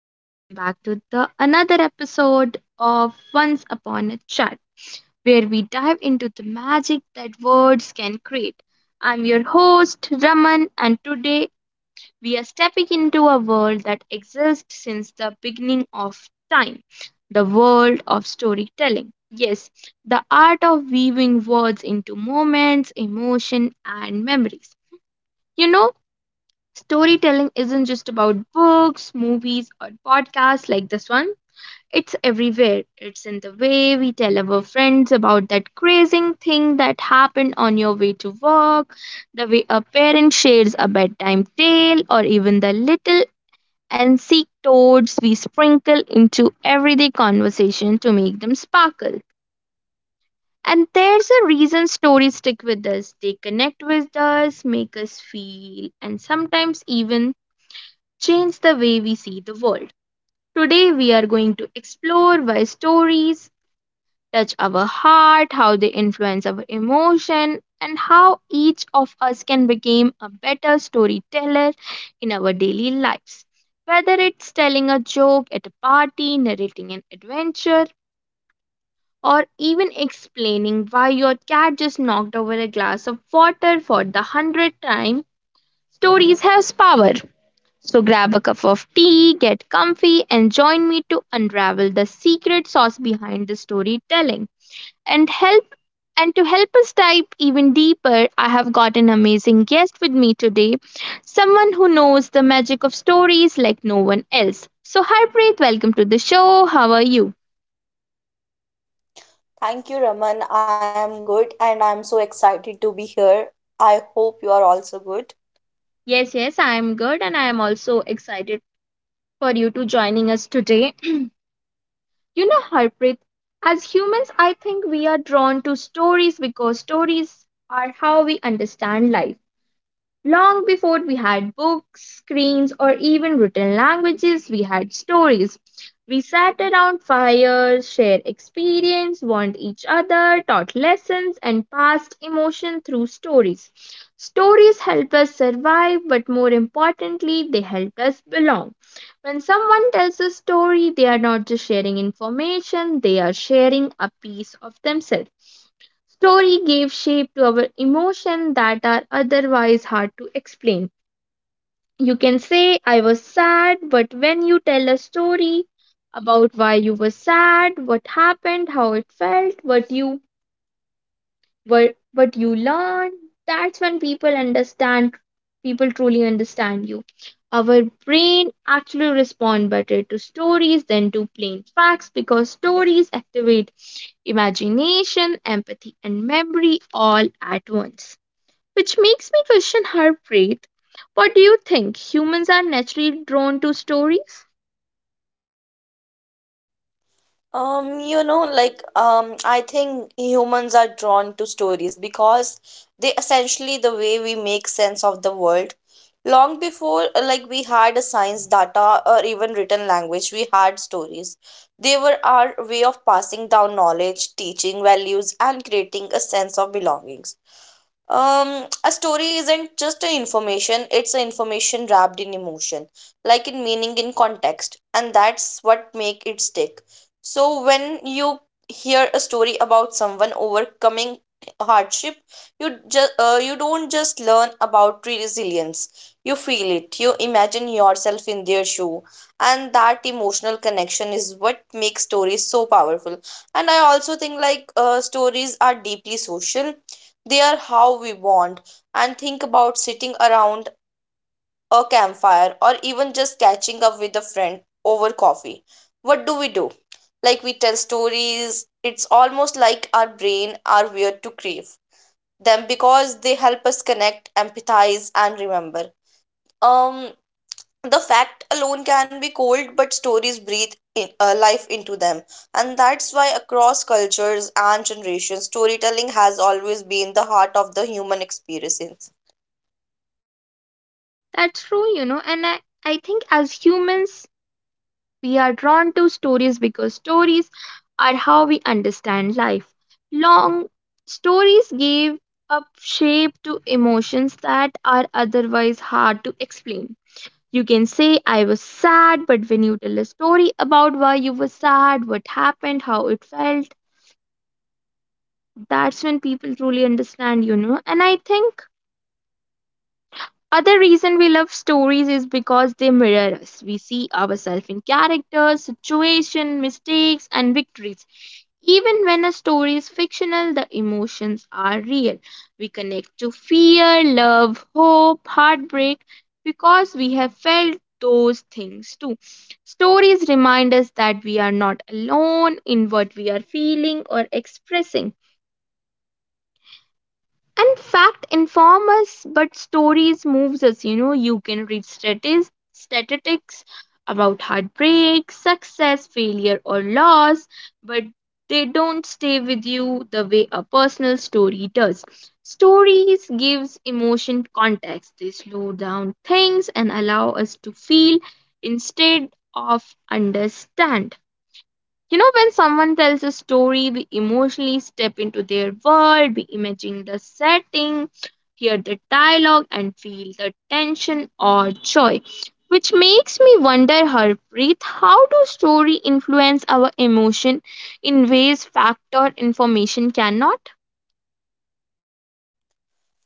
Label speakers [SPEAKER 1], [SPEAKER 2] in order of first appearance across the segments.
[SPEAKER 1] and welcome back to the another episode of Once Upon a Chat, where we dive into the magic that words can create. I'm your host, Raman, and today we are stepping into a world that exists since the beginning of time, the world of storytelling. Yes, the art of weaving words into moments, emotion, and memories. You know, storytelling isn't just about books, movies, or podcasts like this one. It's everywhere. It's in the way we tell our friends about that crazing thing that happened on your way to work, the way a parent shares a bedtime tale, or even the little anecdotes we sprinkle into everyday conversation to make them sparkle. And there's a reason stories stick with us. They connect with us, make us feel, and sometimes even change the way we see the world. Today, we are going to explore why stories touch our heart, how they influence our emotion, and how each of us can become a better storyteller in our daily lives. Whether it's telling a joke at a party, narrating an adventure, or even explaining why your cat just knocked over a glass of water for the hundredth time, stories have power. So grab a cup of tea, get comfy, and join me to unravel the secret sauce behind the storytelling. And help and to help us dive even deeper, I have got an amazing guest with me today, someone who knows the magic of stories like no one else. So Harpreet, welcome to the show. How are you?
[SPEAKER 2] Thank you, Raman. I am good and I'm so excited to be here. I hope you are also good.
[SPEAKER 1] Yes, yes, I am good and I am also excited for you to joining us today. You know, Harpreet, as humans, I think we are drawn to stories because stories are how we understand life. Long before we had books, screens, or even written languages, we had stories. We sat around fires, shared experience, warned each other, taught lessons, and passed emotion through stories. Stories help us survive, but more importantly, they help us belong. When someone tells a story, they are not just sharing information, they are sharing a piece of themselves. Story gave shape to our emotions that are otherwise hard to explain. You can say, I was sad, but when you tell a story about why you were sad, what happened, how it felt, what you learn, that's when people truly understand you. Our brain actually respond better to stories than to plain facts, because stories activate imagination, empathy, and memory all at once, which makes me question her, what do you think, humans are naturally drawn to stories?
[SPEAKER 2] I think humans are drawn to stories because they essentially the way we make sense of the world. Long before, we had a science data or even written language, we had stories. They were our way of passing down knowledge, teaching values, and creating a sense of belongings. A story isn't just a information. It's a information wrapped in emotion, like in meaning, in context, and that's what make it stick. So when you hear a story about someone overcoming hardship, you just you don't just learn about resilience, you feel it, you imagine yourself in their shoe, and that emotional connection is what makes stories so powerful. And I also think like stories are deeply social, they are how we bond. And think about sitting around a campfire or even just catching up with a friend over coffee. What do we do? Like we tell stories. It's almost like our brain are weird to crave them because they help us connect, empathize, and remember. Um, the fact alone can be cold, but stories breathe in, life into them, and that's why across cultures and generations, storytelling has always been the heart of the human experience.
[SPEAKER 1] That's true, and I think, as humans, we are drawn to stories because stories are how we understand life. Long Stories give a shape to emotions that are otherwise hard to explain. You can say, I was sad, but when you tell a story about why you were sad, what happened, how it felt, that's when people truly understand. And I think other reason we love stories is because they mirror us. We see ourselves in characters, situation, mistakes and victories. Even when a story is fictional, the emotions are real. We connect to fear, love, hope, heartbreak, because we have felt those things too. Stories remind us that we are not alone in what we are feeling or expressing. And fact inform us, but stories moves us. You know, you can read statistics about heartbreak, success, failure, or loss, but they don't stay with you the way a personal story does. Stories gives emotion context. They slow down things and allow us to feel instead of understand. You know, when someone tells a story, we emotionally step into their world, we imagine the setting, hear the dialogue, and feel the tension or joy. Which makes me wonder, Harpreet, how do story influence our emotion in ways fact or information cannot?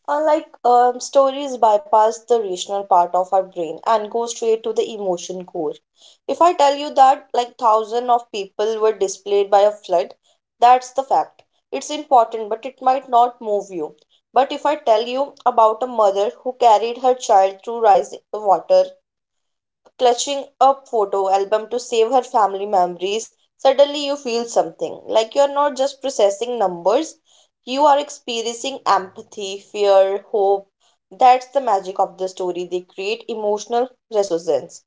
[SPEAKER 2] Unlike stories bypass the rational part of our brain and go straight to the emotion core. If I tell you that like thousand of people were displaced by a flood, that's the fact. It's important, but it might not move you. But if I tell you about a mother who carried her child through rising water, clutching a photo album to save her family memories, suddenly you feel something. Like you're not just processing numbers, you are experiencing empathy, fear, hope. That's the magic of the story. They create emotional resonance.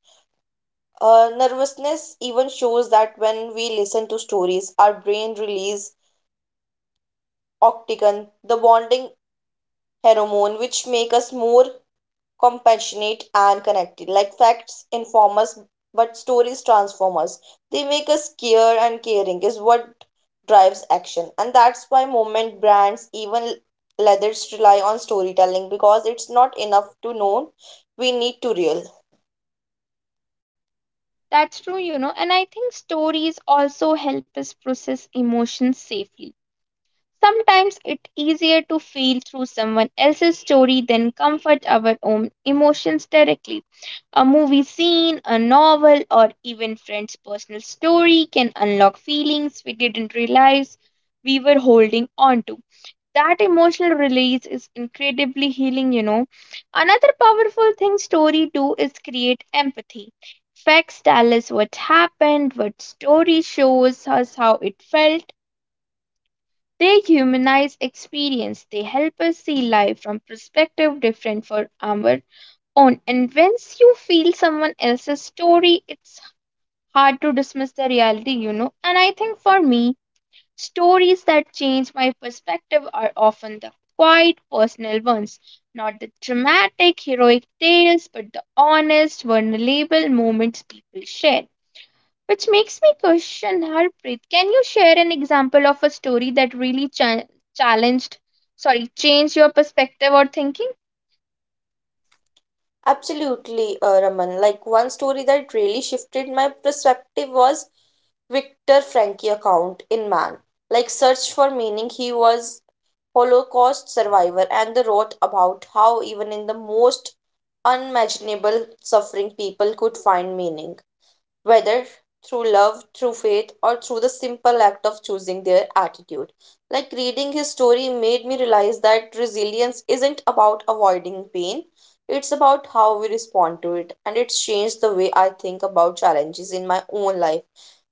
[SPEAKER 2] Nervousness even shows that when we listen to stories, our brain release oxytocin, the bonding hormone, which make us more compassionate and connected. Like facts inform us, but stories transform us. They make us care, and caring is what drives action. And that's why movement brands, even leathers, rely on storytelling because it's not enough to know. We need to real.
[SPEAKER 1] That's true, and I think stories also help us process emotions safely. Sometimes it's easier to feel through someone else's story than comfort our own emotions directly. A movie scene, a novel, or even friend's personal story can unlock feelings we didn't realize we were holding on to. That emotional release is incredibly healing. Another powerful thing story do is create empathy. Facts tell us what happened, what story shows us how it felt, they humanize experience. They help us see life from perspective different from our own. And once you feel someone else's story, it's hard to dismiss the reality. And I think for me, stories that change my perspective are often the quiet personal ones, not the dramatic heroic tales, but the honest, vulnerable moments people share, which makes me question, Harpreet. Can you share an example of a story that really challenged, changed your perspective or thinking?
[SPEAKER 2] Absolutely, Raman. Like one story that really shifted my perspective was Victor Frankie account in Man. Like search for meaning, he was Holocaust survivor and they wrote about how even in the most unimaginable suffering people could find meaning, whether through love, through faith, or through the simple act of choosing their attitude. Like reading his story made me realize that resilience isn't about avoiding pain, it's about how we respond to it, and it's changed the way I think about challenges in my own life.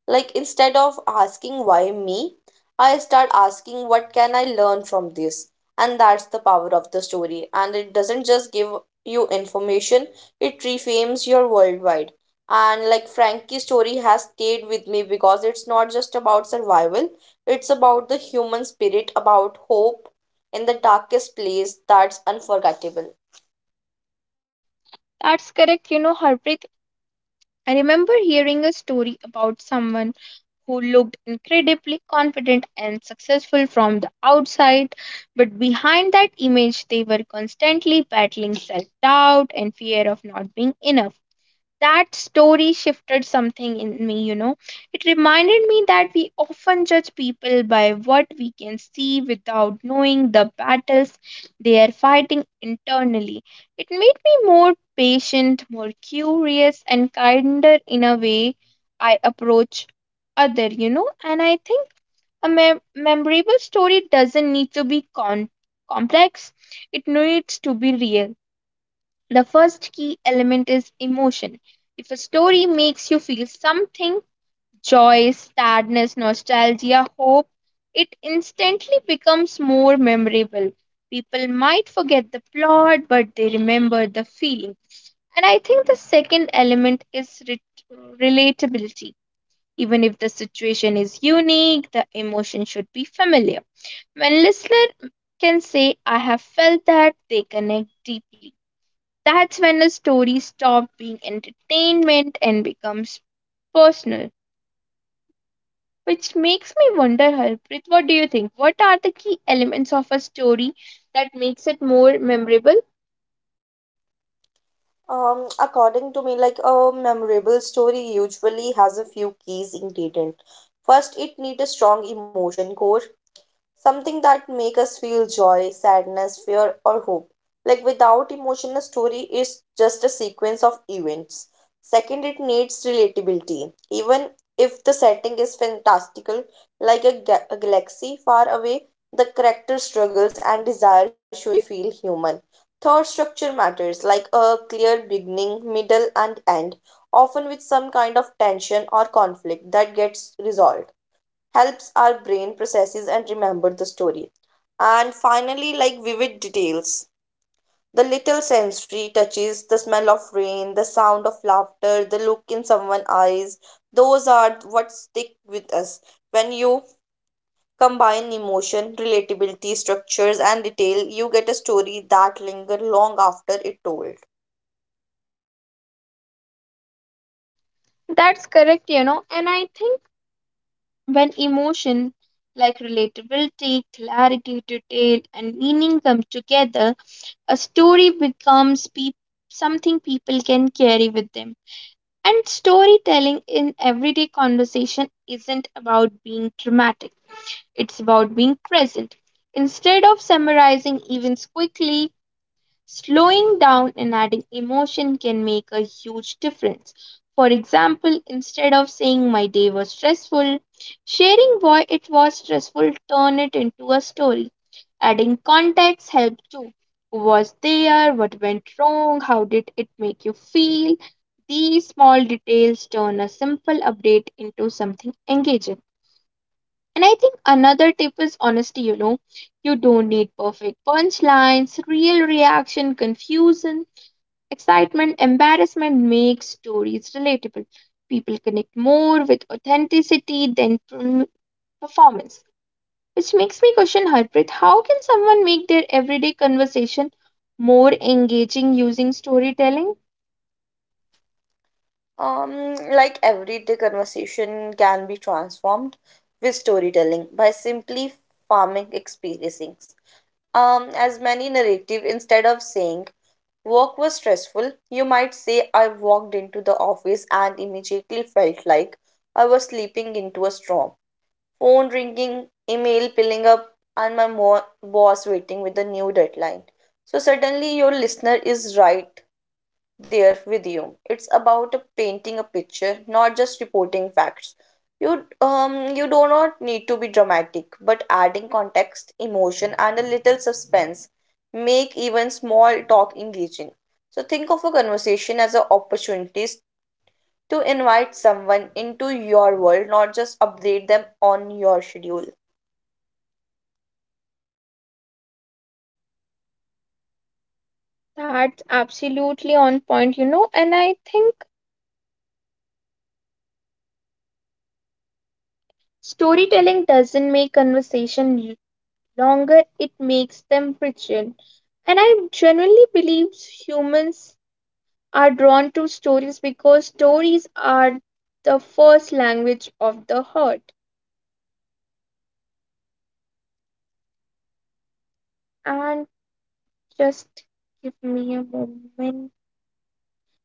[SPEAKER 2] Like instead of asking why me, I start asking what can I learn from this? And that's the power of the story. And it doesn't just give you information, it reframes your worldwide. And like Frankie's story has stayed with me because it's not just about survival, it's about the human spirit, about hope in the darkest place. That's unforgettable.
[SPEAKER 1] That's correct. You know, Harpreet, I remember hearing a story about someone who looked incredibly confident and successful from the outside, but behind that image, they were constantly battling self doubt and fear of not being enough. That story shifted something in me. It reminded me that we often judge people by what we can see without knowing the battles they are fighting internally. It made me more patient, more curious, and kinder in a way I approach other. And I think a memorable story doesn't need to be complex. It needs to be real. The first key element is emotion. If a story makes you feel something, joy, sadness, nostalgia, hope, it instantly becomes more memorable. People might forget the plot, but they remember the feeling. And I think the second element is relatability. Even if the situation is unique, the emotion should be familiar. When listener can say, I have felt that, they connect deeply. That's when a story stops being entertainment and becomes personal. Which makes me wonder, Harpreet, what do you think? What are the key elements of a story that makes it more memorable?
[SPEAKER 2] According to me, like a memorable story usually has a few keys ingredient. First, it need a strong emotion core, something that make us feel joy, sadness, fear, or hope. Like without emotion, a story is just a sequence of events. Second, it needs relatability. Even if the setting is fantastical, like a a galaxy far away, the character struggles and desire should be feel human. Third, structure matters. Like a clear beginning, middle, and end, often with some kind of tension or conflict that gets resolved, helps our brain processes and remember the story. And finally, like vivid details. The little sensory touches, the smell of rain, the sound of laughter, the look in someone's eyes, those are what stick with us. When you combine emotion, relatability, structures, and detail, you get a story that lingers long after it told.
[SPEAKER 1] That's correct. And I think when emotion, like relatability, clarity, detail, and meaning come together, a story becomes peop something people can carry with them. And storytelling in everyday conversation isn't about being dramatic. It's about being present. Instead of summarizing events quickly, slowing down and adding emotion can make a huge difference. For example, instead of saying my day was stressful, sharing why it was stressful, turn it into a story. Adding context helps too. Who was there? What went wrong? How did it make you feel? These small details turn a simple update into something engaging. And I think another tip is honesty, you know. You don't need perfect punchlines, real reaction, confusion, excitement, embarrassment makes stories relatable. People connect more with authenticity than performance. Which makes me question, Harpreet, how can someone make their everyday conversation more engaging using storytelling?
[SPEAKER 2] Like everyday conversation can be transformed with storytelling by simply farming experiences. As many narrative, instead of saying work was stressful, you might say I walked into the office and immediately felt like I was sleeping into a storm. Phone ringing, email piling up, and my boss waiting with a new deadline. So suddenly your listener is right there with you. It's about painting a picture, not just reporting facts. You you do not need to be dramatic, but adding context, emotion, and a little suspense make even small talk engaging. So think of a conversation as an opportunity to invite someone into your world, not just update them on your schedule.
[SPEAKER 1] That's absolutely on point, and I think storytelling doesn't make conversation longer, it makes them richer. And I genuinely believe humans are drawn to stories because stories are the first language of the heart. And just give me a moment.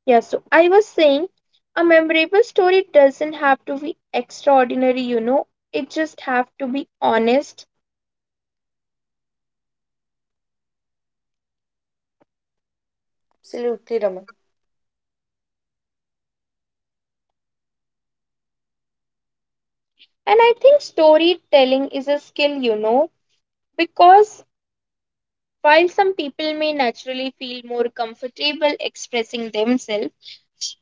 [SPEAKER 1] Yeah, so I was saying a memorable story doesn't have to be extraordinary, it just have to be honest.
[SPEAKER 2] Absolutely, Raman.
[SPEAKER 1] And I think storytelling is a skill, because while some people may naturally feel more comfortable expressing themselves,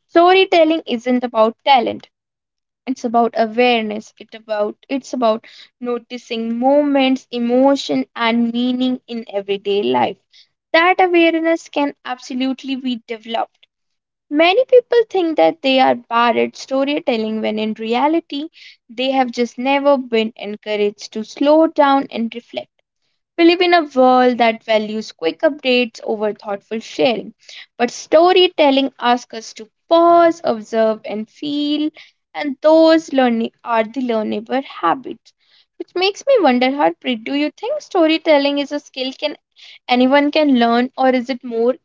[SPEAKER 1] storytelling isn't about talent. It's about awareness. It's about noticing moments, emotion, and meaning in everyday life. That awareness can absolutely be developed. Many people think that they are bad at storytelling when in reality they have just never been encouraged to slow down and reflect. We live in a world that values quick updates over thoughtful sharing, but storytelling asks us to pause, observe, and feel, and those learning are the learnable habits. Which makes me wonder, Harpreet, do you think storytelling is a skill can anyone can learn, or is it more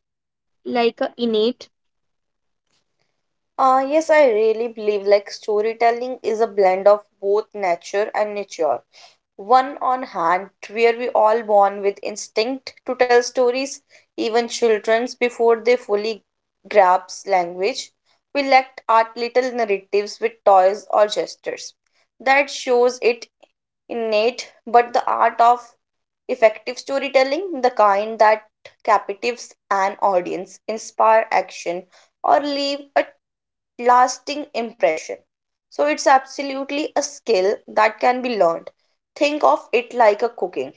[SPEAKER 1] like a innate?
[SPEAKER 2] Yes, I really believe like storytelling is a blend of both nature and nurture. One on hand, where we all born with instinct to tell stories, even children's before they fully grasp language. We lacked art little narratives with toys or gestures. That shows it innate, but the art of effective storytelling, the kind that captivates an audience, inspire action, or leave a lasting impression. So it's absolutely a skill that can be learned. Think of it like a cooking.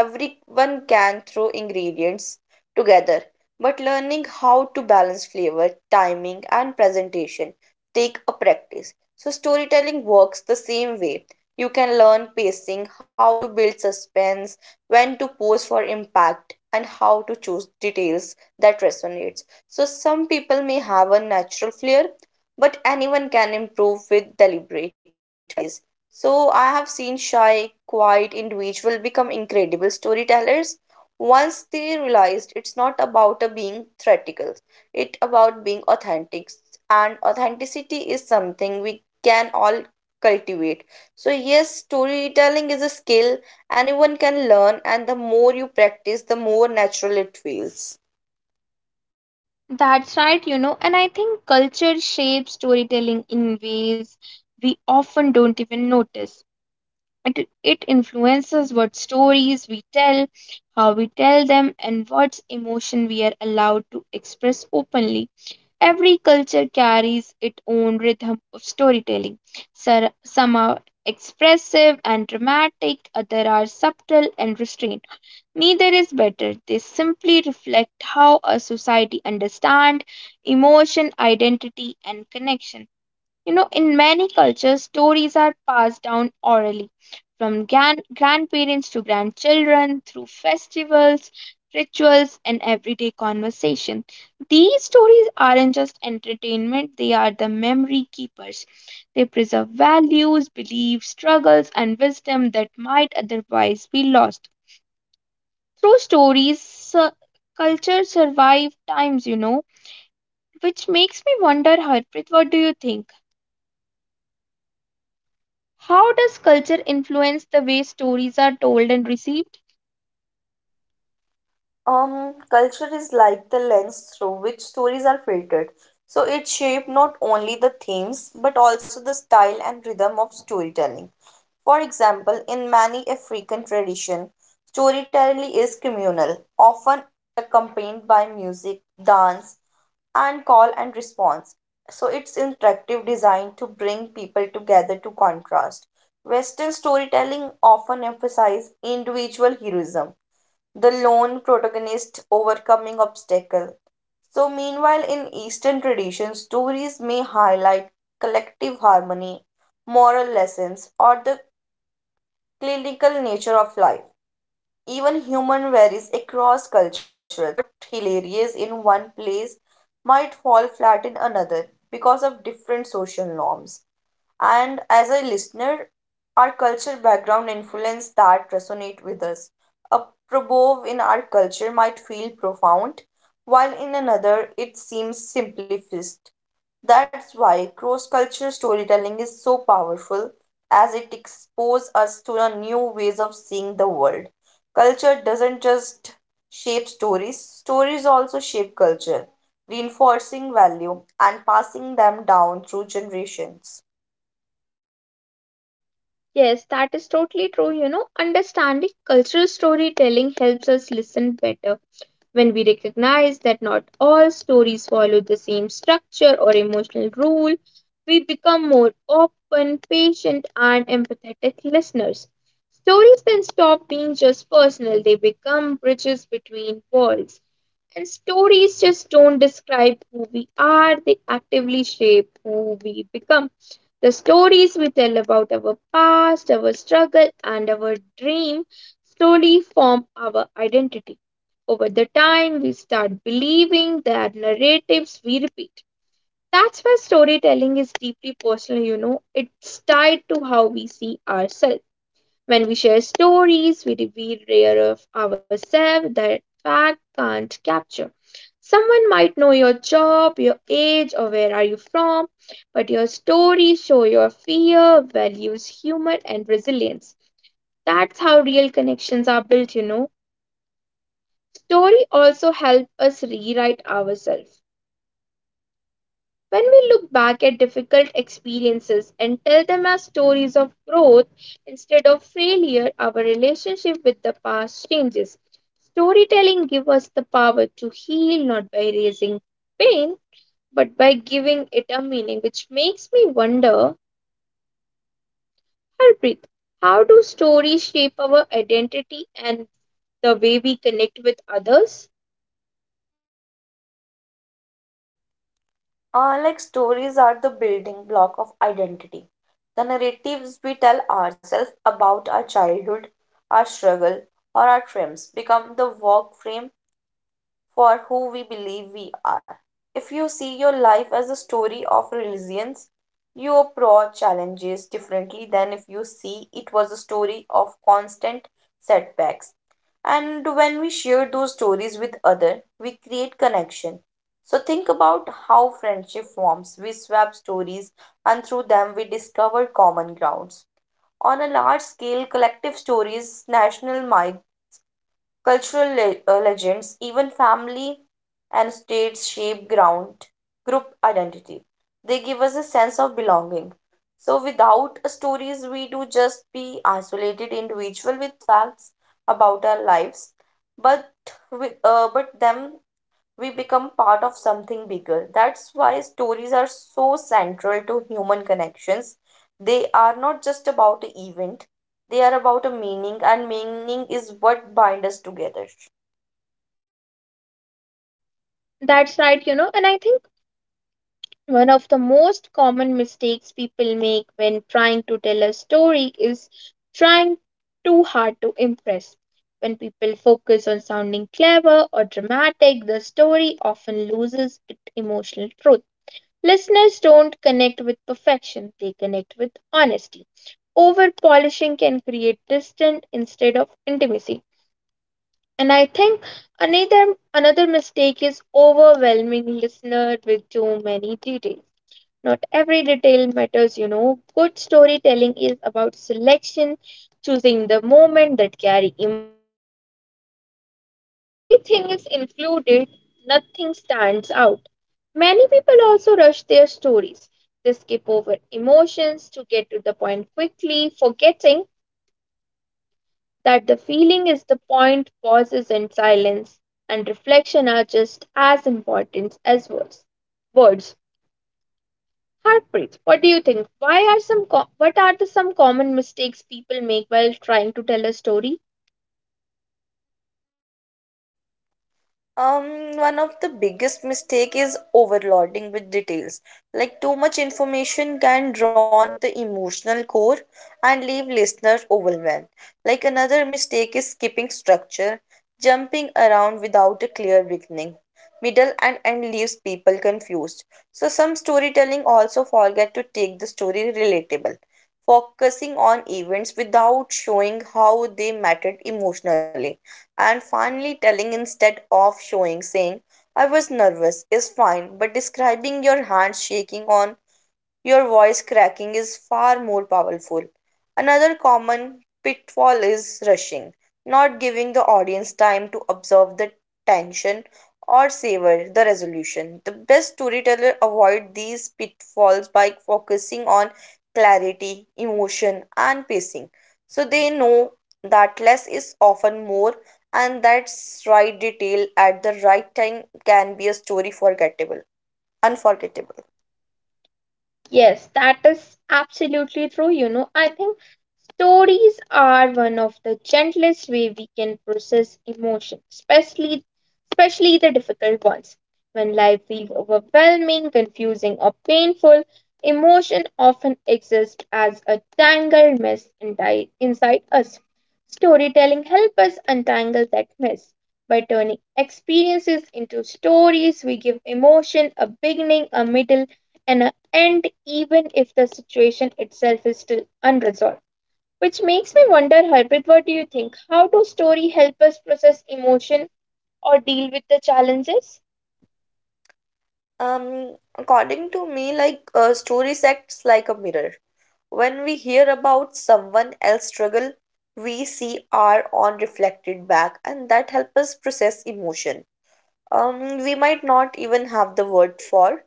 [SPEAKER 2] Everyone can throw ingredients together, but learning how to balance flavor, timing, and presentation take a practice. So storytelling works the same way. You can learn pacing, how to build suspense, when to pose for impact, and how to choose details that resonates. So some people may have a natural flair, but anyone can improve with deliberate practices. So I have seen shy, quiet individuals become incredible storytellers once they realized it's not about a being theatrical, it's about being authentic. And authenticity is something we can all cultivate. So yes, storytelling is a skill anyone can learn, and the more you practice, the more natural it feels.
[SPEAKER 1] That's right, and I think culture shapes storytelling in ways we often don't even notice. It influences what stories we tell, how we tell them, and what emotion we are allowed to express openly. Every culture carries its own rhythm of storytelling. Some are expressive and dramatic, others are subtle and restrained. Neither is better. They simply reflect how a society understands emotion, identity, and connection. You know, in many cultures, stories are passed down orally from grandparents to grandchildren through festivals, rituals, and everyday conversation. These stories aren't just entertainment, they are the memory keepers. They preserve values, beliefs, struggles, and wisdom that might otherwise be lost. Through stories, cultures survive times, which makes me wonder, Harpreet, what do you think? How does culture influence the way stories are told and received?
[SPEAKER 2] Culture is like the lens through which stories are filtered. So it shapes not only the themes but also the style and rhythm of storytelling. For example, in many African tradition, storytelling is communal, often accompanied by music, dance, and call and response. So it's interactive design to bring people together. To contrast, Western storytelling often emphasizes individual heroism, the lone protagonist overcoming obstacle. So meanwhile in eastern traditions, stories may highlight collective harmony, moral lessons, or the clinical nature of life. Even humor varies across cultures. What hilarious in one place might fall flat in another because of different social norms. And as a listener, our culture background influence that resonate with us. A proverb in our culture might feel profound, while in another it seems simplifist. That's why cross-cultural storytelling is so powerful, as it exposes us to a new ways of seeing the world. Culture doesn't just shape stories, stories also shape culture, reinforcing value and passing them down through generations.
[SPEAKER 1] Yes, that is totally true. You know, understanding cultural storytelling helps us listen better when we recognize that not all stories follow the same structure or emotional rule. We become more open, patient, and empathetic listeners. Stories then stop being just personal, they become bridges between worlds. And stories just don't describe who we are, they actively shape who we become. The stories we tell about our past, our struggle, and our dream slowly form our identity. Over the time, we start believing the narratives we repeat. That's why storytelling is deeply personal, It's tied to how we see ourselves. When we share stories, we reveal rare of ourselves that fact can't capture. Someone might know your job, your age, or where are you from, but your stories show your fear, values, humor, and resilience. That's how real connections are built. Story also help us rewrite ourselves. When we look back at difficult experiences and tell them as stories of growth instead of failure, our relationship with the past changes. Storytelling gives us the power to heal not by raising pain but by giving it a meaning, which makes me wonder, Harpreet, how do stories shape our identity and the way we connect with others?
[SPEAKER 2] Like stories are the building block of identity. The narratives we tell ourselves about our childhood, our struggle, or our triumphs become the work frame for who we believe we are. If you see your life as a story of resilience, you approach challenges differently than if you see it was a story of constant setbacks. And when we share those stories with others, we create connection. So think about how friendship forms. We swap stories, and through them we discover common grounds. On a large scale, collective stories, national might, cultural legends, even family and states shape ground group identity. They give us a sense of belonging. So without stories, we do just be isolated individual with facts about our lives, but with but them we become part of something bigger. That's why stories are so central to human connections. They are not just about an event, they are about a meaning, and meaning is what binds us together.
[SPEAKER 1] That's right, and I think one of the most common mistakes people make when trying to tell a story is trying too hard to impress. When people focus on sounding clever or dramatic, the story often loses its emotional truth. Listeners don't connect with perfection, they connect with honesty. Over polishing can create distance instead of intimacy. And I think another mistake is overwhelming listener with too many details. Not every detail matters. Good storytelling is about selection, choosing the moment that carry emotion or meaning. When everything is included, nothing stands out. Many people also rush their stories. They skip over emotions to get to the point quickly, forgetting that the feeling is the point, pauses and silence and reflection are just as important as words. Words. Harpreet, what do you think? Why are some what are the some common mistakes people make while trying to tell a story?
[SPEAKER 2] One of the biggest mistake is overloading with details. Like too much information can drown with the emotional core and leave listeners overwhelmed. Like another mistake is skipping structure. Jumping around without a clear beginning, middle, and end leaves people confused. So some storytelling also forget to take the story relatable, focusing on events without showing how they mattered emotionally. And finally, telling instead of showing. Saying I was nervous is fine, but describing your hands shaking on your voice cracking is far more powerful. Another common pitfall is rushing, not giving the audience time to observe the tension or savor the resolution. The best storyteller avoid these pitfalls by focusing on clarity, emotion, and pacing. So they know that less is often more, and that's right detail at the right time can be a story forgettable unforgettable.
[SPEAKER 1] Yes, that is absolutely true. You know, I think stories are one of the gentlest way we can process emotion, especially the difficult ones. When life feels overwhelming, confusing, or painful, emotion often exists as a tangled mess inside us. Storytelling helps us untangle that mess. By turning experiences into stories, we give emotion a beginning, a middle, and an and even if the situation itself is still unresolved. Which makes me wonder, Harpreet, what do you think? How do story help us process emotion or deal with the challenges?
[SPEAKER 2] Um, According to me, like a story acts like a mirror. When we hear about someone else's struggle, we see our own reflected back, and that helps us process emotion we might not even have the word for.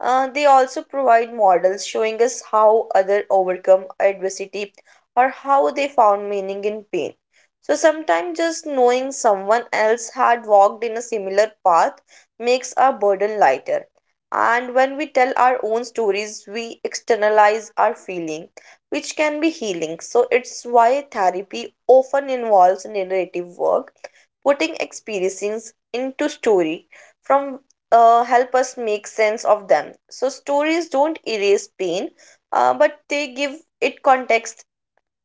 [SPEAKER 2] They also provide models, showing us how others overcome adversity or how they found meaning in pain. So sometimes just knowing someone else had walked in a similar path makes our burden lighter. And when we tell our own stories, we externalize our feeling, which can be healing. So it's why therapy often involves narrative work, putting experiences into story from help us make sense of them. So stories don't erase pain, but they give it context,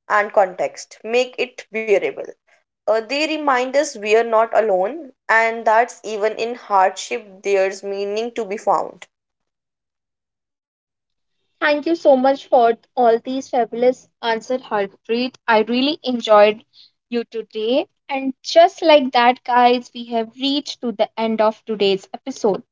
[SPEAKER 2] and context make it bearable. They remind us we are not alone, and that's even in hardship there's meaning to be found.
[SPEAKER 1] Thank you so much for all these fabulous answers, Harpreet. I really enjoyed you today. And just like that, guys, we have reached to the end of today's episode,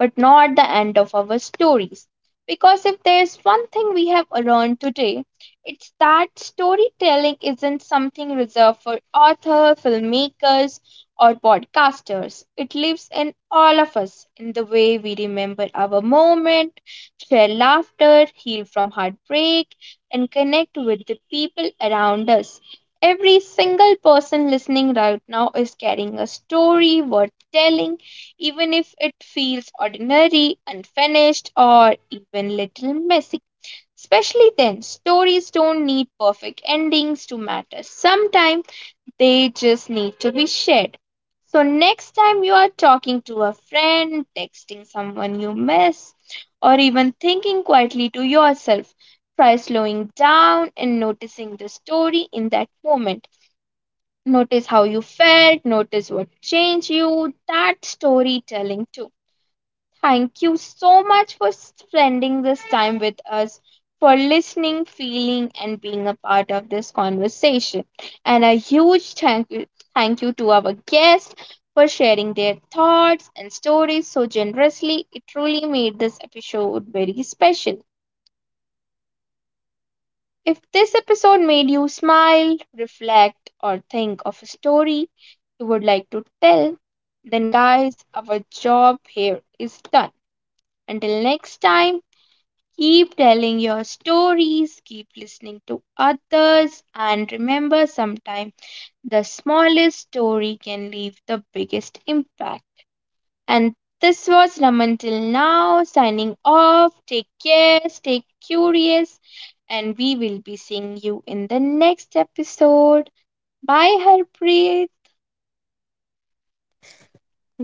[SPEAKER 1] but not the end of our stories. Because if there's one thing we have learned today, it's that storytelling isn't something reserved for authors, filmmakers, or podcasters. It lives in all of us in the way we remember our moment share laughter, heal from heartbreak, and connect with the people around us. Every single person listening right now is carrying a story worth telling, even if it feels ordinary, unfinished, or even little messy. Especially then, stories don't need perfect endings to matter. Sometimes they just need to be shared. So, next time you are talking to a friend, texting someone you miss, or even thinking quietly to yourself, try slowing down and noticing the story in that moment. Notice how you felt, notice what changed you. That storytelling, too. Thank you so much for spending this time with us, for listening, feeling, and being a part of this conversation. And a huge thank you to our guests for sharing their thoughts and stories so generously. It truly made this episode very special. If this episode made you smile, reflect, or think of a story you would like to tell, then, guys, our job here is done. Until next time, keep telling your stories, keep listening to others, and remember sometimes the smallest story can leave the biggest impact. And this was Raman till now, signing off. Take care, stay curious, and we will be seeing you in the next episode. Bye, Harpreet.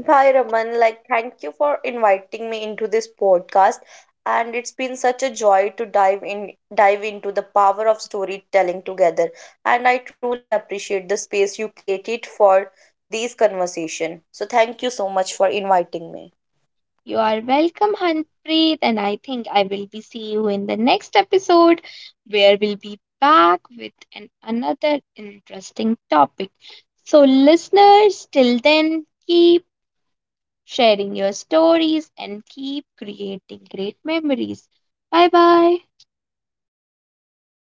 [SPEAKER 2] Hi Raman, like thank you for inviting me into this podcast, and it's been such a joy to dive into the power of storytelling together, and I truly appreciate the space you created for these conversation. So thank you so much for inviting me.
[SPEAKER 1] You are welcome, Hanpreet, and I think I will be see you in the next episode where we'll be back with an another interesting topic. So listeners, till then keep sharing your stories and keep creating great memories. Bye bye.
[SPEAKER 2] Bye.